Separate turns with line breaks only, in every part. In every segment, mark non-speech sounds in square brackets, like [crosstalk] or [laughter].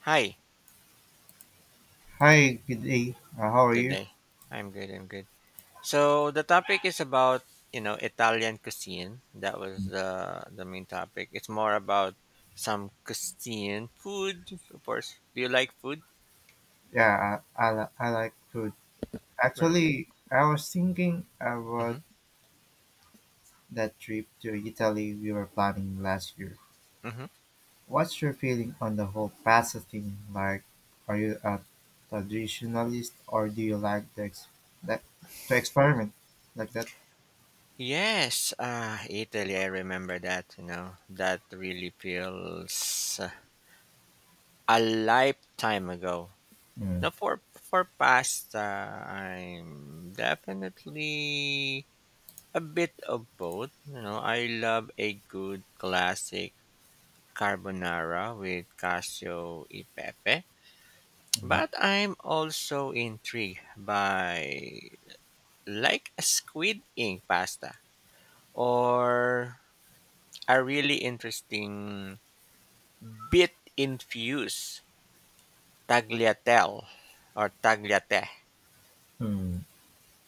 Hi,
Hi, good day. How are
good
you?
day. I'm good, I'm good. So the topic is about, Italian cuisine. That was the main topic. It's more about some cuisine food, of course. Do you like food?
Yeah, I, I like food.
Very good.
Actually, I was thinking about
Mhm.
that trip to Italy we were planning last year.
Mhm.
What's your feeling on the whole pasta thing? Like, are you a traditionalist or do you like to, that, experiment like that?
Yes, ah, Italy, I remember that. That really feels a lifetime ago.
Mm,
Now for pasta, I'm definitely a bit of both. You know, I love a good classic carbonara with cacio e pepe,
Hmm.
but I'm also intrigued by like a squid ink pasta or a really interesting bit infused tagliatelle or tagliate.
Mm.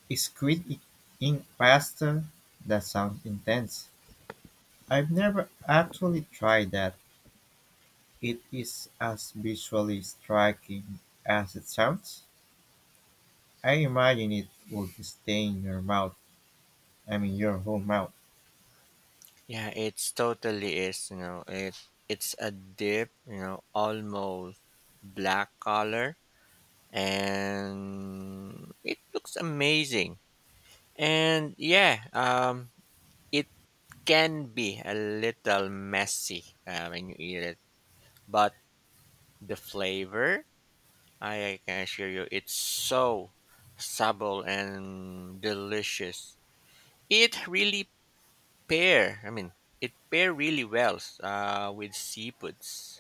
Is ink pasta? That sounds intense. I've never actually tried that. It is as visually striking as it sounds. I imagine it would stain your mouth, I mean your whole mouth.
Yeah, it's totally is, it's a dip, almost black color and it looks amazing. And yeah, it can be a little messy when you eat it, but the flavor, I can assure you, it's so subtle and delicious. It really pair. I mean, it pair really well with seafoods.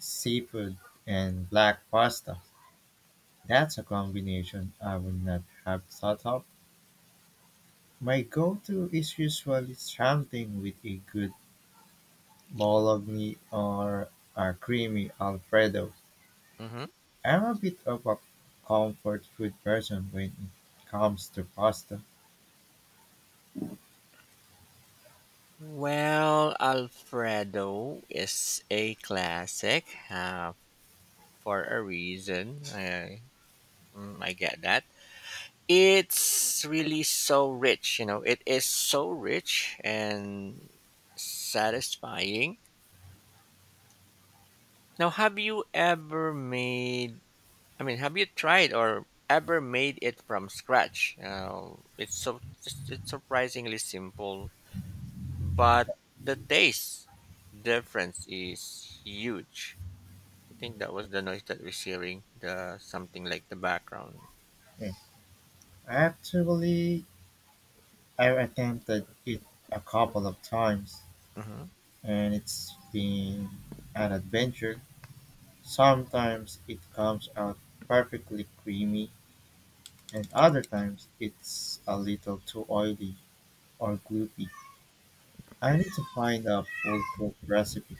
Seafood and black pasta. That's a combination I would not have thought of. My go-to is usually something with a good bologna or a creamy alfredo.
Hmm.
I'm a bit of a comfort food person when it comes to pasta.
Well, Alfredo is a classic. For a reason. I get that. It's really so rich. It is so rich and satisfying. Now, have you ever made? I mean, have you tried or ever made it from scratch? It's so it's surprisingly simple, but the taste difference is huge. I think that was the noise that we're hearing. The something like the background.
Mm, I actually I've attempted it a couple of times,
Mhm.
and it's been an adventure. Sometimes it comes out perfectly creamy, and other times it's a little too oily or gloopy. I need to find a full cooked recipe.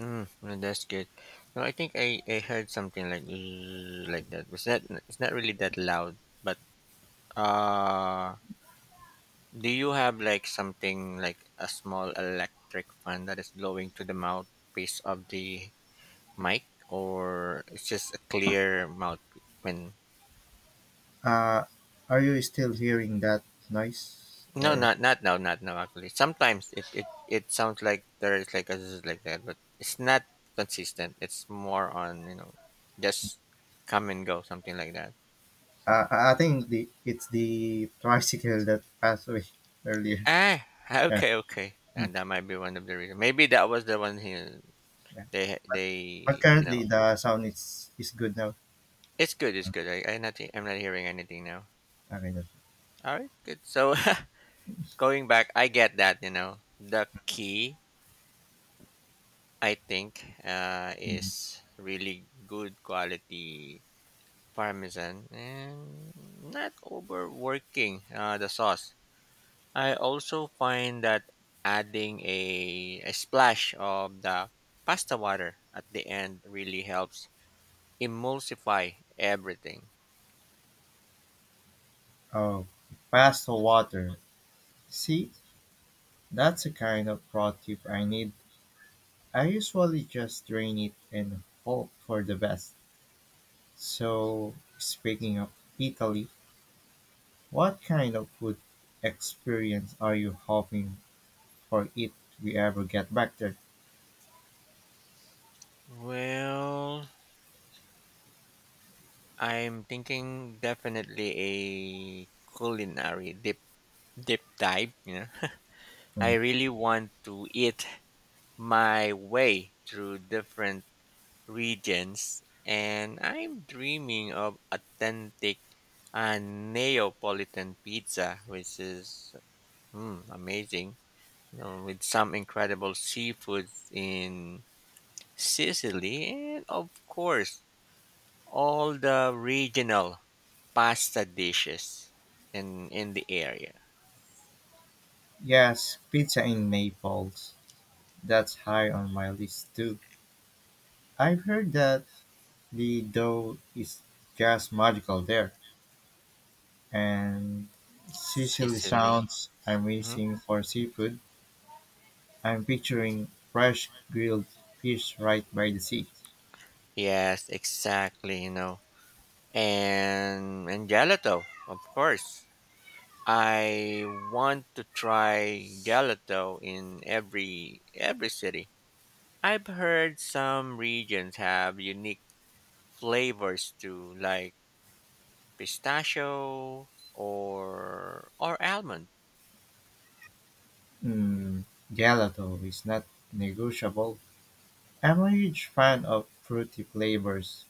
Mm, well, that's good. No, I think I heard something like "Zzz," like that. Was that it's not really that loud, but uh, do you have like something like a small electric fan that is blowing to the mouthpiece of the mic, or it's just a clear mouth? When
Uh, are you still hearing that noise?
No,
Or
not now, not now. Actually, sometimes it sounds like there is like a zzz like that, but it's not consistent. It's more on just come and go, something like that.
I think the It's the tricycle that passed away [laughs] earlier.
Ah,
Yeah.
okay, okay.
Mm,
And that might be one of the reasons. Maybe that was the one he
yeah.
they
But
they you know.
currently the sound is good now.
It's good. It's good. I'm not hearing anything now.
Okay.
All right, good. So [laughs] going back, I get that. You know, the key I think
Mm-hmm.
is really good quality parmesan and not overworking the sauce. I also find that adding a splash of the pasta water at the end really helps emulsify everything.
Oh, pastel water. See, that's the kind of pro tip I need. I usually just drain it and hope for the best. So, speaking of Italy, what kind of food experience are you hoping for if we ever get back there?
Well, I'm thinking definitely a culinary deep dive. [laughs]
Hmm.
I really want to eat my way through different regions and I'm dreaming of authentic a Neapolitan pizza, which is amazing. You know, with some incredible seafood in Sicily and of course all the regional pasta dishes in the area.
Yes, pizza in Naples. That's high on my list too. I've heard that the dough is just magical there. And Sicily
Sicily.
sounds
Mhm.
amazing for seafood. I'm picturing fresh grilled fish right by the sea.
Yes, exactly. And gelato, of course. I want to try gelato in every city. I've heard some regions have unique flavors too, like pistachio or or almond.
Mm, gelato is not negotiable. I'm a huge fan of fruity flavors,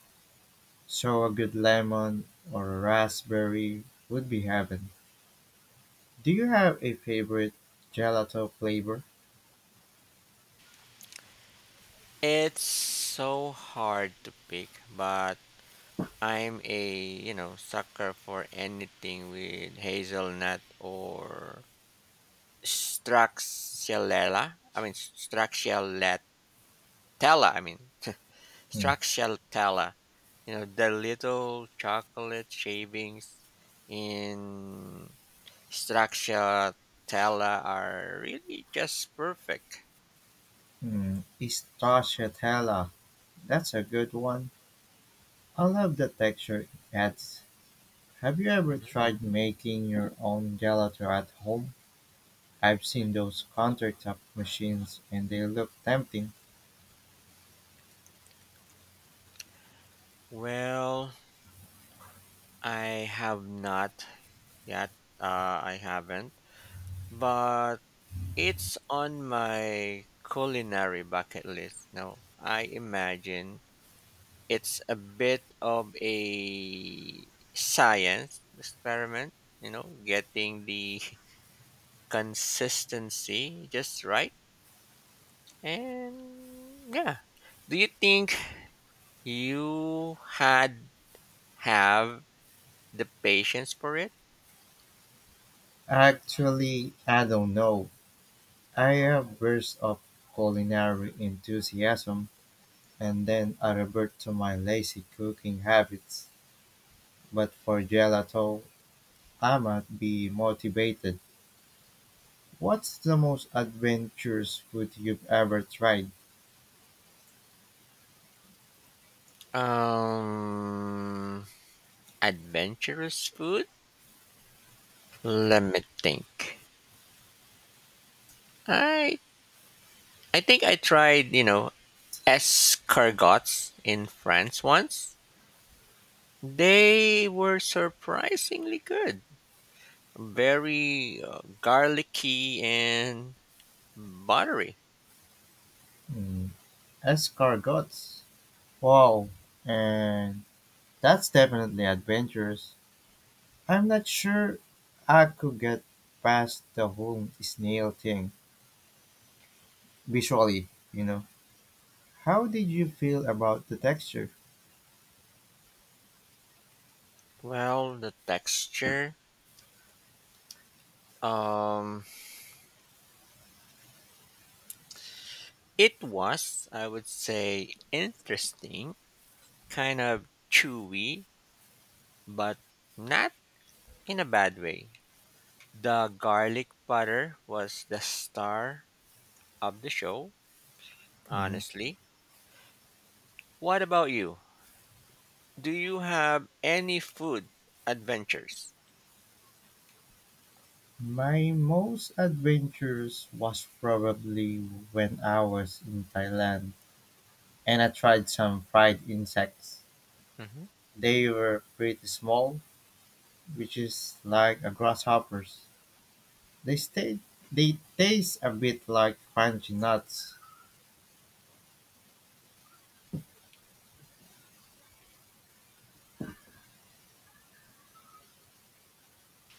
so a good lemon or raspberry would be heaven. Do you have a favorite gelato flavor?
It's so hard to pick, but I'm a sucker for anything with hazelnut or Straxalella. I mean Straxalatella, I mean [laughs]
Hmm.
Straxalatella. You know, the little chocolate shavings in Straxatella are really just perfect.
Mm, Stracciatella. That's a good one. I love the texture it adds. Have you ever
Mhm.
tried making your own gelato at home? I've seen those countertop machines and they look tempting.
Well, I have not yet. I haven't, but it's on my culinary bucket list. No, I imagine it's a bit of a science experiment. You know, getting the [laughs] consistency just right, and yeah. Do you think you had have the patience for it?
Actually, I don't know. I have bursts of culinary enthusiasm and then I revert to my lazy cooking habits. But for gelato, I might be motivated. What's the most adventurous food you've ever tried?
Um, Adventurous food? Let me think. I I think I tried, escargots in France once. They were surprisingly good. Very garlicky and buttery.
Mm, escargots. Wow. And That's definitely adventurous. I'm not sure I could get past the whole snail thing visually, you know. How did you feel about the texture?
Well, the texture um it was, I would say, interesting, kind of chewy, but not in a bad way. The garlic butter was the star of the show,
Mhm.
honestly. What about you? Do you have any food adventures?
My most adventurous was probably when I was in Thailand and I tried some fried insects.
Hmm.
They were pretty small, which is like a grasshoppers. They stay, they taste a bit like crunchy nuts.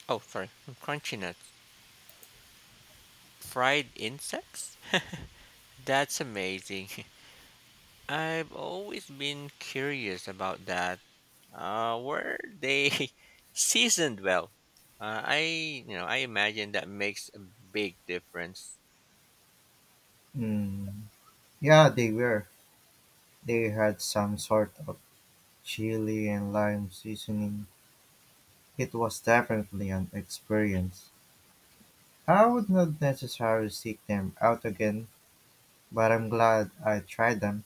Oh, sorry. Crunchy nuts. Fried insects? That's amazing. [laughs] I've always been curious about that. Were they [laughs] seasoned well? I imagine that makes a big difference.
Mm. Yeah, they were. They had some sort of chili and lime seasoning. It was definitely an experience. I would not necessarily seek them out again, but I'm glad I tried them.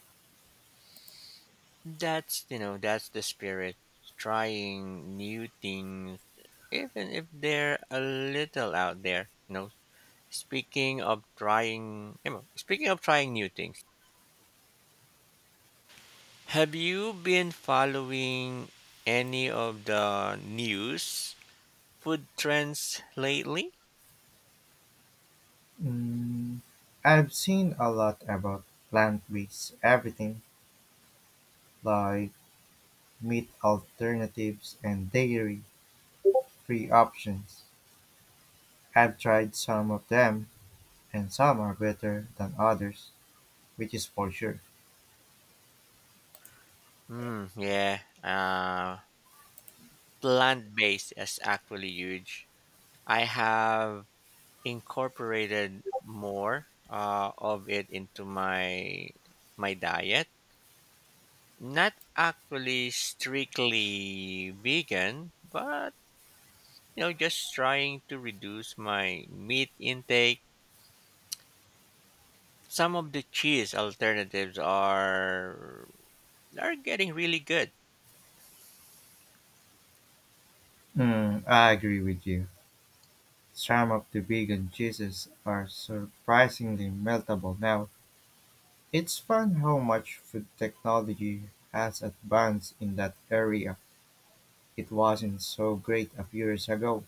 That's, that's the spirit. Trying new things even if they're a little out there. You know, speaking of trying new things, have you been following any of the news food trends lately?
Mm, I've seen a lot about plant based everything, like meat alternatives and dairy free options. I've tried some of them, and some are better than others, which is for sure.
Mm, yeah, plant-based is actually huge. I have incorporated more of it into my diet. Not actually strictly vegan, but just trying to reduce my meat intake. Some of the cheese alternatives are getting really good.
Mm, I agree with you. Some of the vegan cheeses are surprisingly meltable now. It's fun how much food technology has advanced in that area. It wasn't so great a few years ago.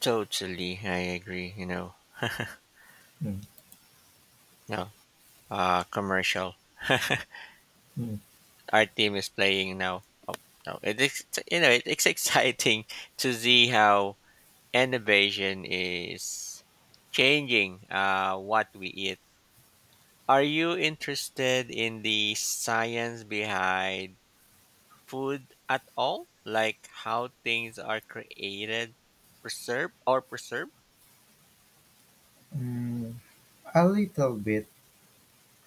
Totally, I agree. You know,
Mm,
no, commercial.
mm,
Our team is playing now. No, it is you know it, it's [laughs] exciting to see how innovation is changing what we eat. Are you interested in the science behind food at all? Like how things are created, preserved, or preserved?
mm. A little bit.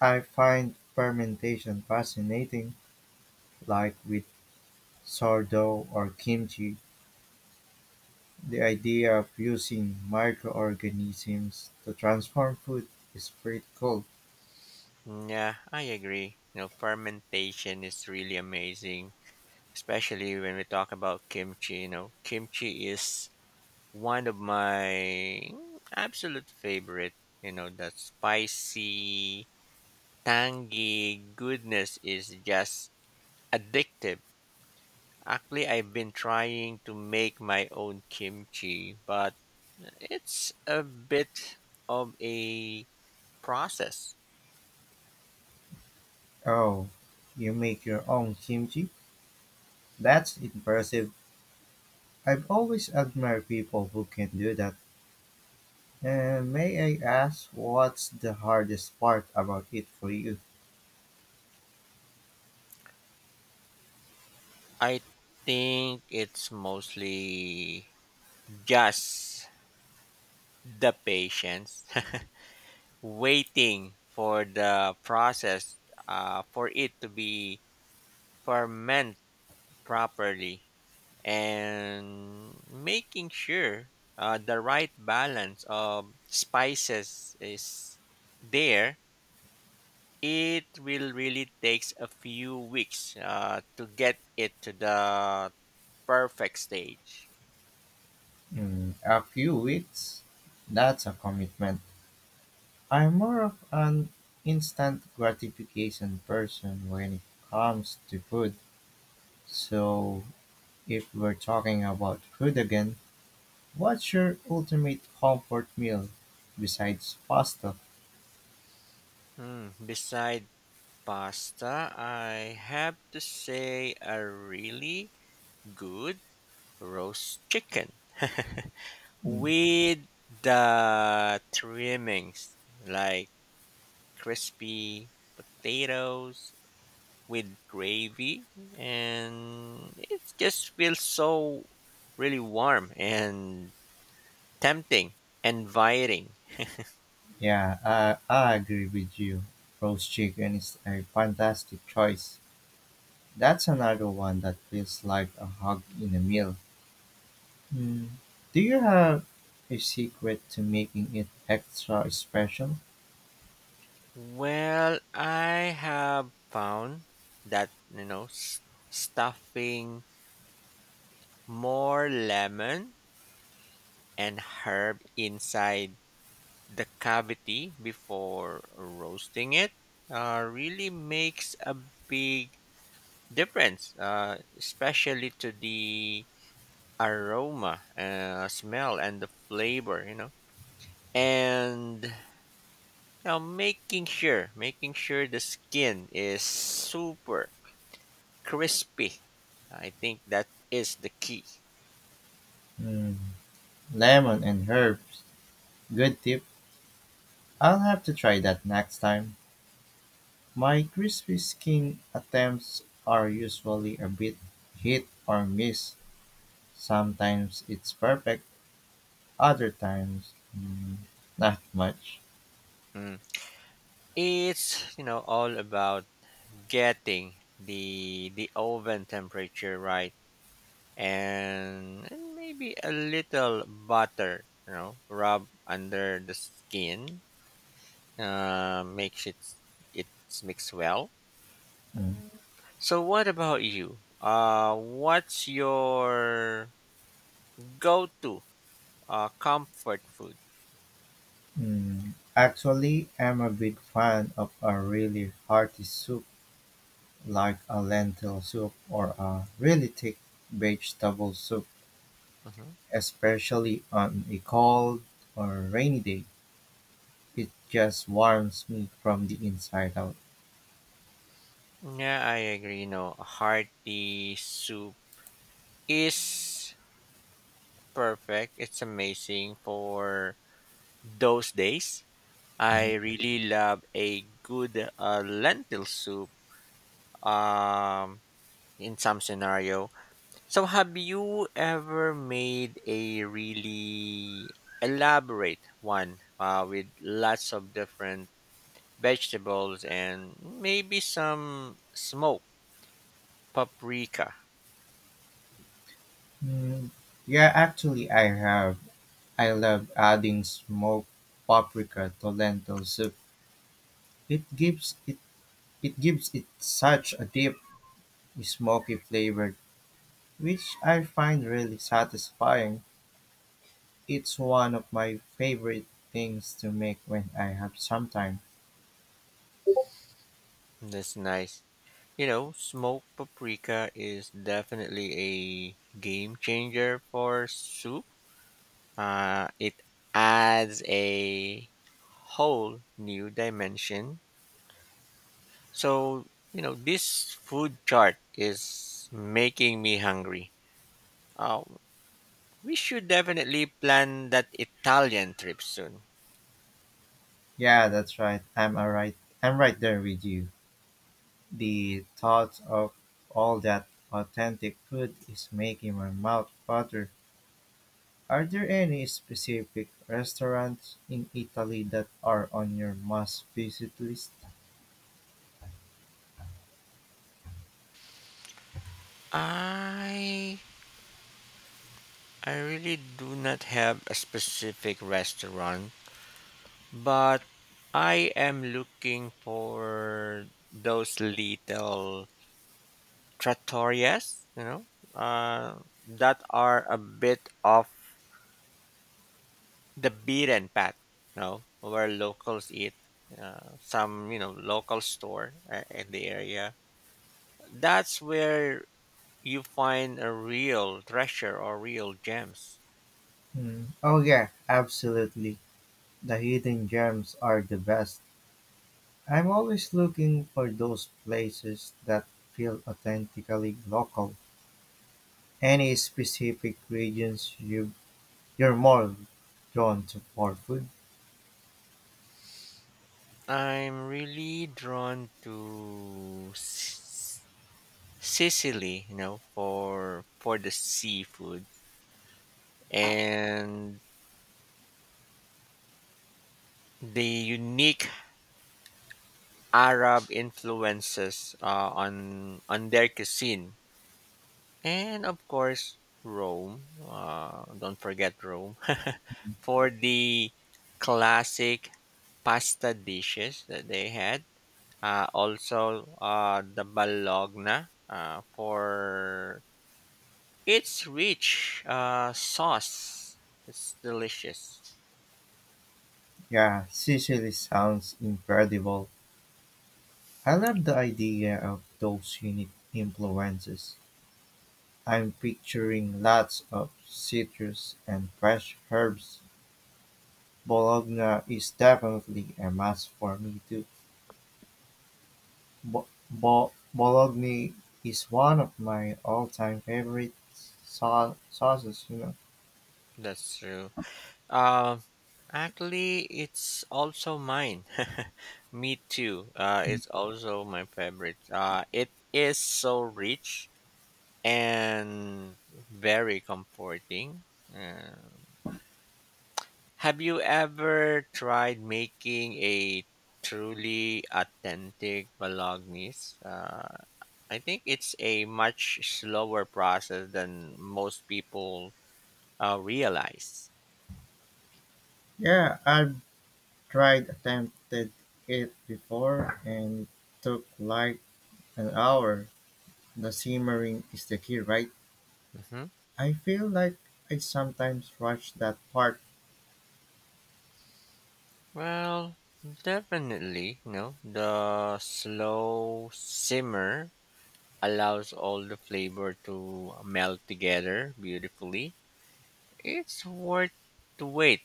I find fermentation fascinating, like with sourdough or kimchi. The idea of using microorganisms to transform food is pretty cool.
Yeah, I agree. You know, fermentation is really amazing, especially when we talk about kimchi. You know, kimchi is one of my absolute favorite. You know, the spicy, tangy goodness is just addictive. Actually, I've been trying to make my own kimchi, but it's a bit of a process.
Oh, you make your own kimchi? That's impressive. I've always admired people who can do that. And may I ask what's the hardest part about it for you?
I think it's mostly just the patience, [laughs] waiting for the process for it to be ferment properly, and making sure the right balance of spices is there. It will really takes a few weeks to get it to the perfect stage.
Mm, a few weeks? That's a commitment. I'm more of an instant gratification person when it comes to food. So, if we're talking about food again, what's your ultimate comfort meal besides pasta?
Hmm, beside pasta, I have to say a really good roast chicken [laughs] with the trimmings like crispy potatoes with gravy and it just feels so really warm and tempting, inviting.
Yeah, I agree with you. Roast chicken is a fantastic choice. That's another one that feels like a hug in a meal. Hmm. Do you have a secret to making it extra special?
Well, I have found that stuffing more lemon and herb inside the cavity before roasting it really makes a big difference, especially to the aroma, smell, and the flavor. You know, and now making sure the skin is super crispy. I think that is the key.
Hmm. Lemon and herbs. Good tip. I'll have to try that next time. My crispy skin attempts are usually a bit hit or miss. Sometimes it's perfect, other times, not much.
Mm. It's all about getting the oven temperature right and maybe a little butter, rub under the skin, makes it's mixed well.
Mm.
So what about you? What's your go-to comfort food.
Mm. Actually, I'm a big fan of a really hearty soup like a lentil soup or a really thick vegetable soup,
Mhm.
especially on a cold or rainy day. It just warms me from the inside out.
Yeah, I agree. You know, a hearty soup is perfect. It's amazing for those days.
Mm,
I really love a good lentil soup. Um, in some scenario. So, have you ever made a really elaborate one with lots of different vegetables and maybe some smoked paprika?
Mm, yeah, actually, I have. I love adding smoked paprika to lentil soup. It gives it it gives it such a deep, smoky flavor which I find really satisfying. It's one of my favorite things to make when I have some time.
That's nice. You know, smoked paprika is definitely a game changer for soup. It adds a whole new dimension. So, this food chart is making me hungry. Uh, we should definitely plan that Italian trip soon.
Yeah, that's right. I'm all right. I'm right there with you. The thought of all that authentic food is making my mouth water. Are there any specific restaurants in Italy that are on your must visit list?
I I really do not have a specific restaurant. But I am looking for those little trattoriasuh, that are a bit off the beaten path, where locals eat. Some, local store in the area. That's where you find a real treasure or real gems.
Hmm. Oh yeah, absolutely. The hidden gems are the best. I'm always looking for those places that feel authentically local. Any specific regions you're more drawn to for food?
I'm really drawn to Sicily, for the seafood and the unique Arab influences on their cuisine, and of course Rome. Don't forget Rome [laughs] for the classic pasta dishes that they had. Also, the Bologna for its rich sauce. It's delicious.
Yeah, Sicily sounds incredible. I love the idea of those unique influences. I'm picturing lots of citrus and fresh herbs. Bologna is definitely a must for me too. Bo bo Bologna is one of my all-time favorite sauces, you know.
That's true. Um, Actually, it's also mine. [laughs] Me too. It's also my favorite. It is so rich and very comforting. Uh, have you ever tried making a truly authentic bolognese? I think it's a much slower process than most people realize.
Yeah, I've tried attempted it before and it took like an hour. The simmering is the key, right?
Mhm.
I feel like I sometimes rush that part.
Well, definitely, the slow simmer allows all the flavor to melt together beautifully. It's worth to wait.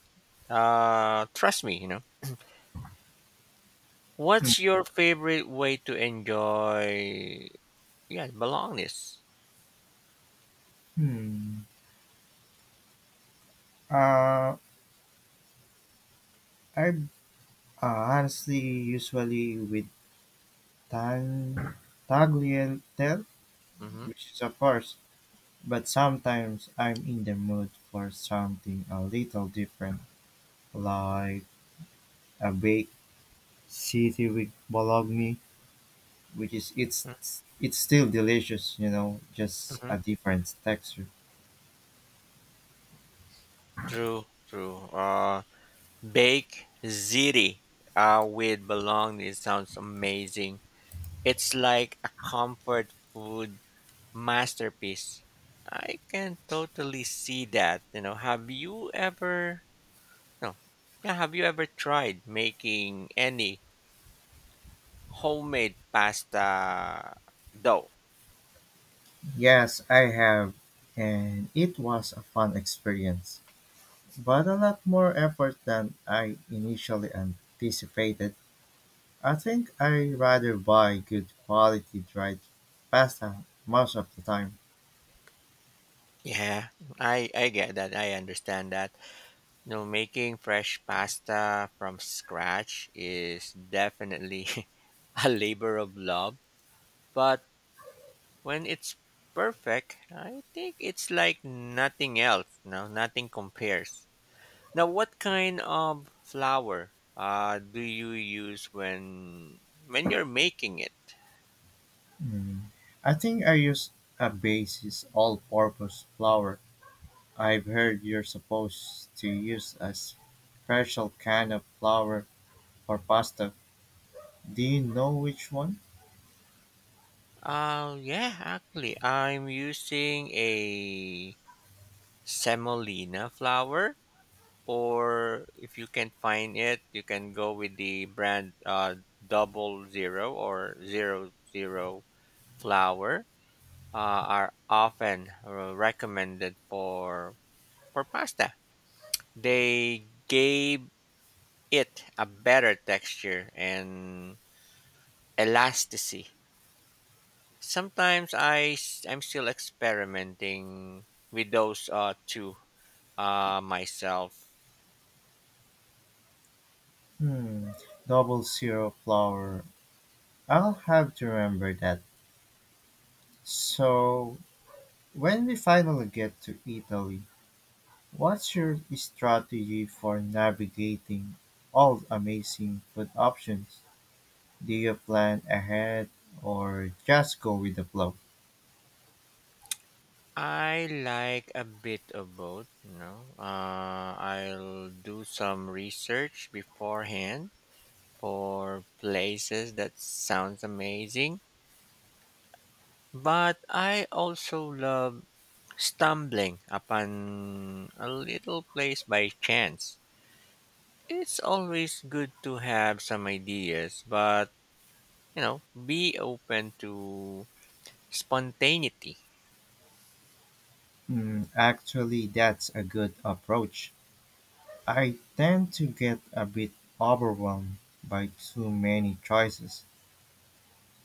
Trust me. What's your favorite way to enjoy, yeah, belongness?
Hmm. Uh, I Honestly usually with tang tagliatelle,
Mm-hmm.
which is of course. But sometimes I'm in the mood for something a little different, like a baked city with bologna, which is it's still delicious, you know, just a
Mm-hmm.
different texture.
True, true. Bake ziti with bologna sounds amazing. It's like a comfort food masterpiece. I can totally see that. You know, have you ever no, yeah, have you ever tried making any homemade pasta dough?
Yes, I have, and it was a fun experience, but a lot more effort than I initially anticipated. I think I rather buy good quality dried pasta most of the time.
Yeah, I get that. I understand that. You know, making fresh pasta from scratch is definitely [laughs] a labor of love, but when it's perfect, I think it's like nothing else. No, nothing compares. Now, what kind of flour do you use when you're making it?
Hmm. I think I use a basis all-purpose flour. I've heard you're supposed to use a special kind of flour for pasta. Do you know which one?
Yeah, actually, I'm using a semolina flour, or if you can find it, you can go with the brand 00 or 00 flour. Are often recommended for pasta. They gave it a better texture and elasticity. Sometimes I'm still experimenting with those two myself.
Hmm. Double zero flour. I'll have to remember that. So, when we finally get to Italy, what's your strategy for navigating all amazing food options? Do you plan ahead or just go with the flow?
I like a bit of both. I'll do some research beforehand for places that sounds amazing, but I also love stumbling upon a little place by chance. It's always good to have some ideas, but be open to spontaneity.
Mm, actually, that's a good approach. I tend to get a bit overwhelmed by too many choices,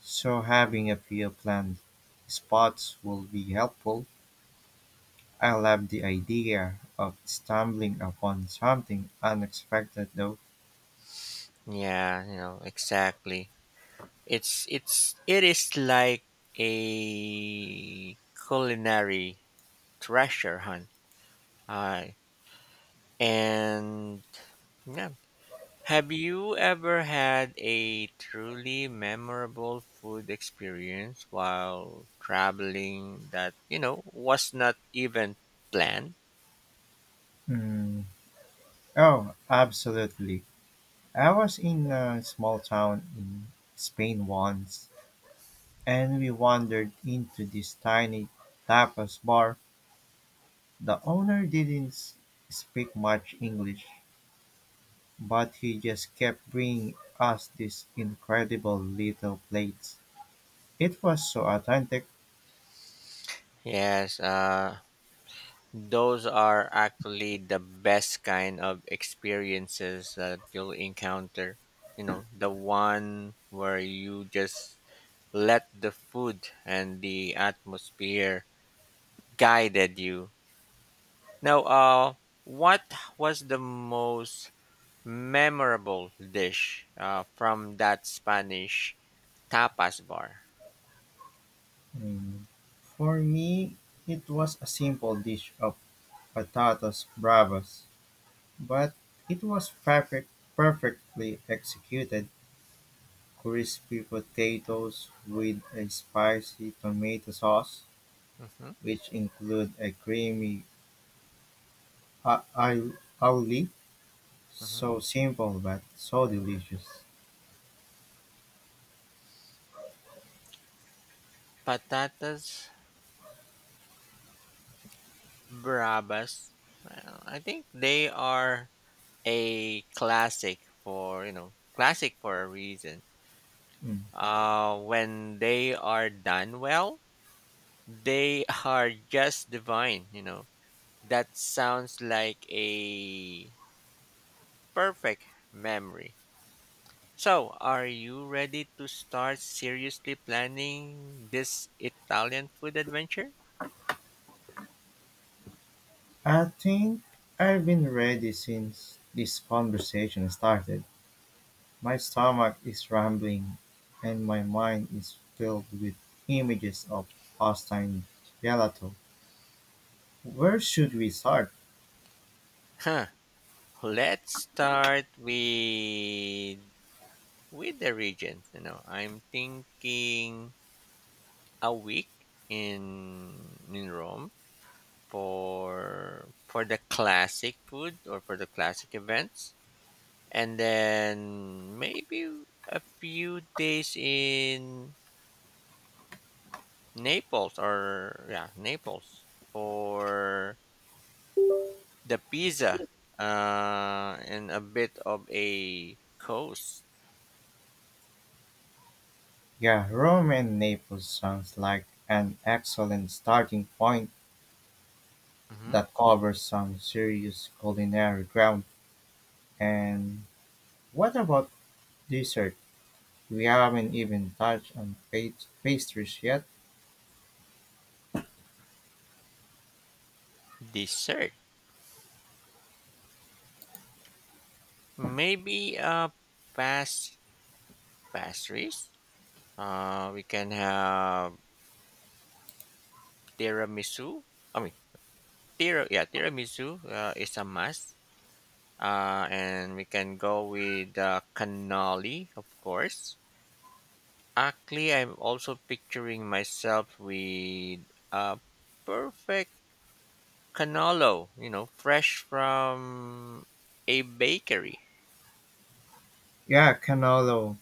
so having a few planned spots will be helpful. I love the idea of stumbling upon something unexpected, though.
Yeah, exactly. It is like a culinary treasure hunt. Uh, and yeah. Have you ever had a truly memorable food experience while traveling that, was not even planned?
Mm, oh, absolutely. I was in a small town in Spain once and we wandered into this tiny tapas bar. The owner didn't s- speak much English, but he just kept bringing us these incredible little plates. It was so authentic.
Yes, those are actually the best kind of experiences that you'll encounter. You know, the one where you just let the food and the atmosphere guided you. Now, what was the most memorable dish from that Spanish tapas bar?
Mm. For me, it was a simple dish of patatas bravas, but it was perfect, perfectly executed. Crispy potatoes with a spicy tomato sauce,
Hmm.
which include a creamy oulet,
Hmm.
so simple but so delicious.
Patatas bravas. Well, I think they are a classic for a reason
Mm.
when they are done well they [laughs] are just divine. That sounds like a perfect memory. So are you ready to start seriously planning this Italian food adventure?
I think I've been ready since this conversation started. My stomach is rumbling and my mind is filled with images of Austin gelato. Where should we start?
huh let's start with the regions. You know, I'm thinking a week in Rome for the classic food or for the classic events, and then maybe a few days in Naples or yeah Naples for the pizza and a bit of a coast.
Yeah, Rome and Naples sounds like an excellent starting point
Mhm.
that covers some serious culinary ground. And what about dessert? We haven't even touched on pastries yet.
Dessert. Maybe past pastries. We can have tiramisu. I mean, tiramisu is a must. And we can go with cannoli, of course. Actually, I'm also picturing myself with a perfect cannolo, fresh from a bakery.
Yeah, cannolo,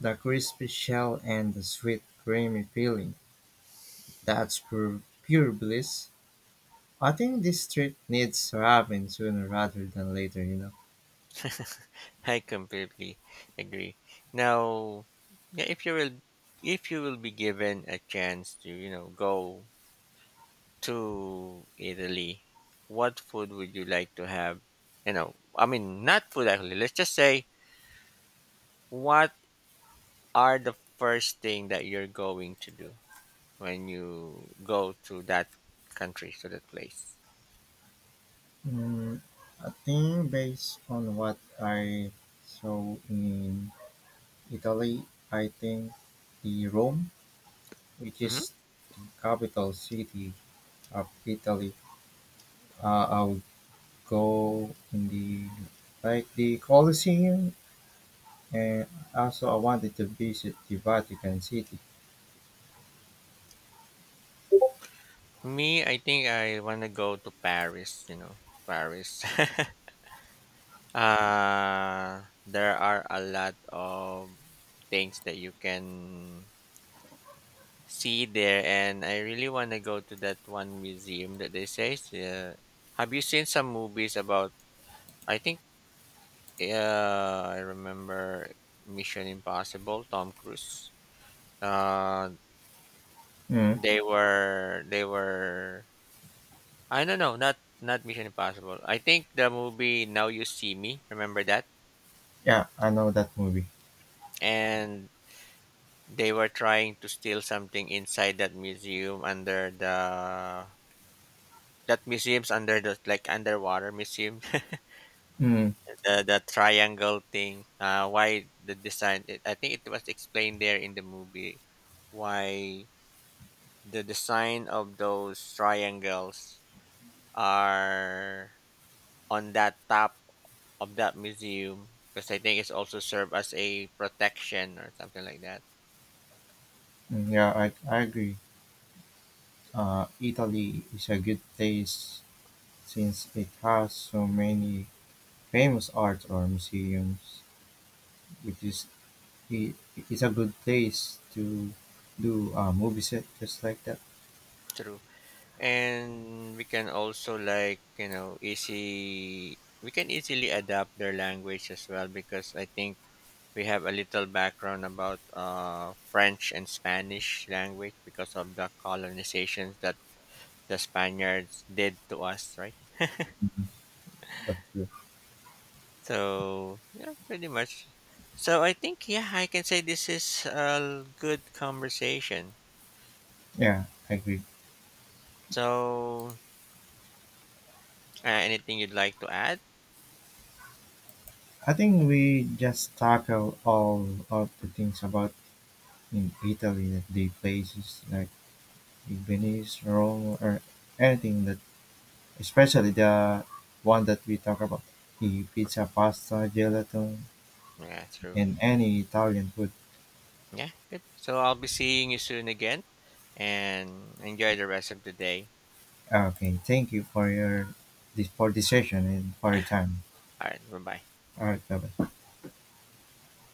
the crispy shell and the sweet creamy filling. That's pure, pure bliss. I think this trip needs to happen sooner rather than later, you know.
[laughs] I completely agree. Now, yeah, if you will be given a chance to, go to Italy, what food would you like to have? You know, I mean, not food actually. Let's just say, what are the first thing that you're going to do when you go to that country, to that place?
Mm, I think based on what I saw in Italy, I think the Rome, which
Hmm.
is the capital city of Italy, I would go in the like the Colosseum, and also I wanted to visit the Vatican City.
Me, I think I want to go to Paris, Paris. [laughs] There are a lot of things that you can see there, and I really want to go to that one museum that they say. Have you seen some movies about? I think I remember Mission Impossible. Tom Cruise. Uh,
Mm,
they were. I don't know. Not Mission Impossible. I think the movie Now You See Me. Remember that?
yeah, I know that movie.
And they were trying to steal something inside that museum under the that museum's under the like underwater museum.
Mm,
The triangle thing why the design it, I think it was explained there in the movie why the design of those triangles are on that top of that museum because I think it's also served as a protection or something like that.
yeah, I agree. Italy is a good place since it has so many famous art or museums, which is it, it's a good place to do a movie set just like that.
True. And we can also like you know easy we can easily adapt their language as well because I think we have a little background about French and Spanish language because of the colonizations that the Spaniards did to us, right?
But
So yeah, pretty much. So I think, yeah, I can say this is a good conversation.
yeah, I agree.
So anything you'd like to add?
I think we just tackle all of the things about in Italy that they places like Venice, Rome, or anything that, especially the one that we talk about, the pizza, pasta, gelato,
Yeah, true.
and any Italian food.
Yeah, good. So I'll be seeing you soon again and enjoy the rest of the day.
Okay, thank you for your this for this session and for your time.
All right, bye bye.
All right, bye bye.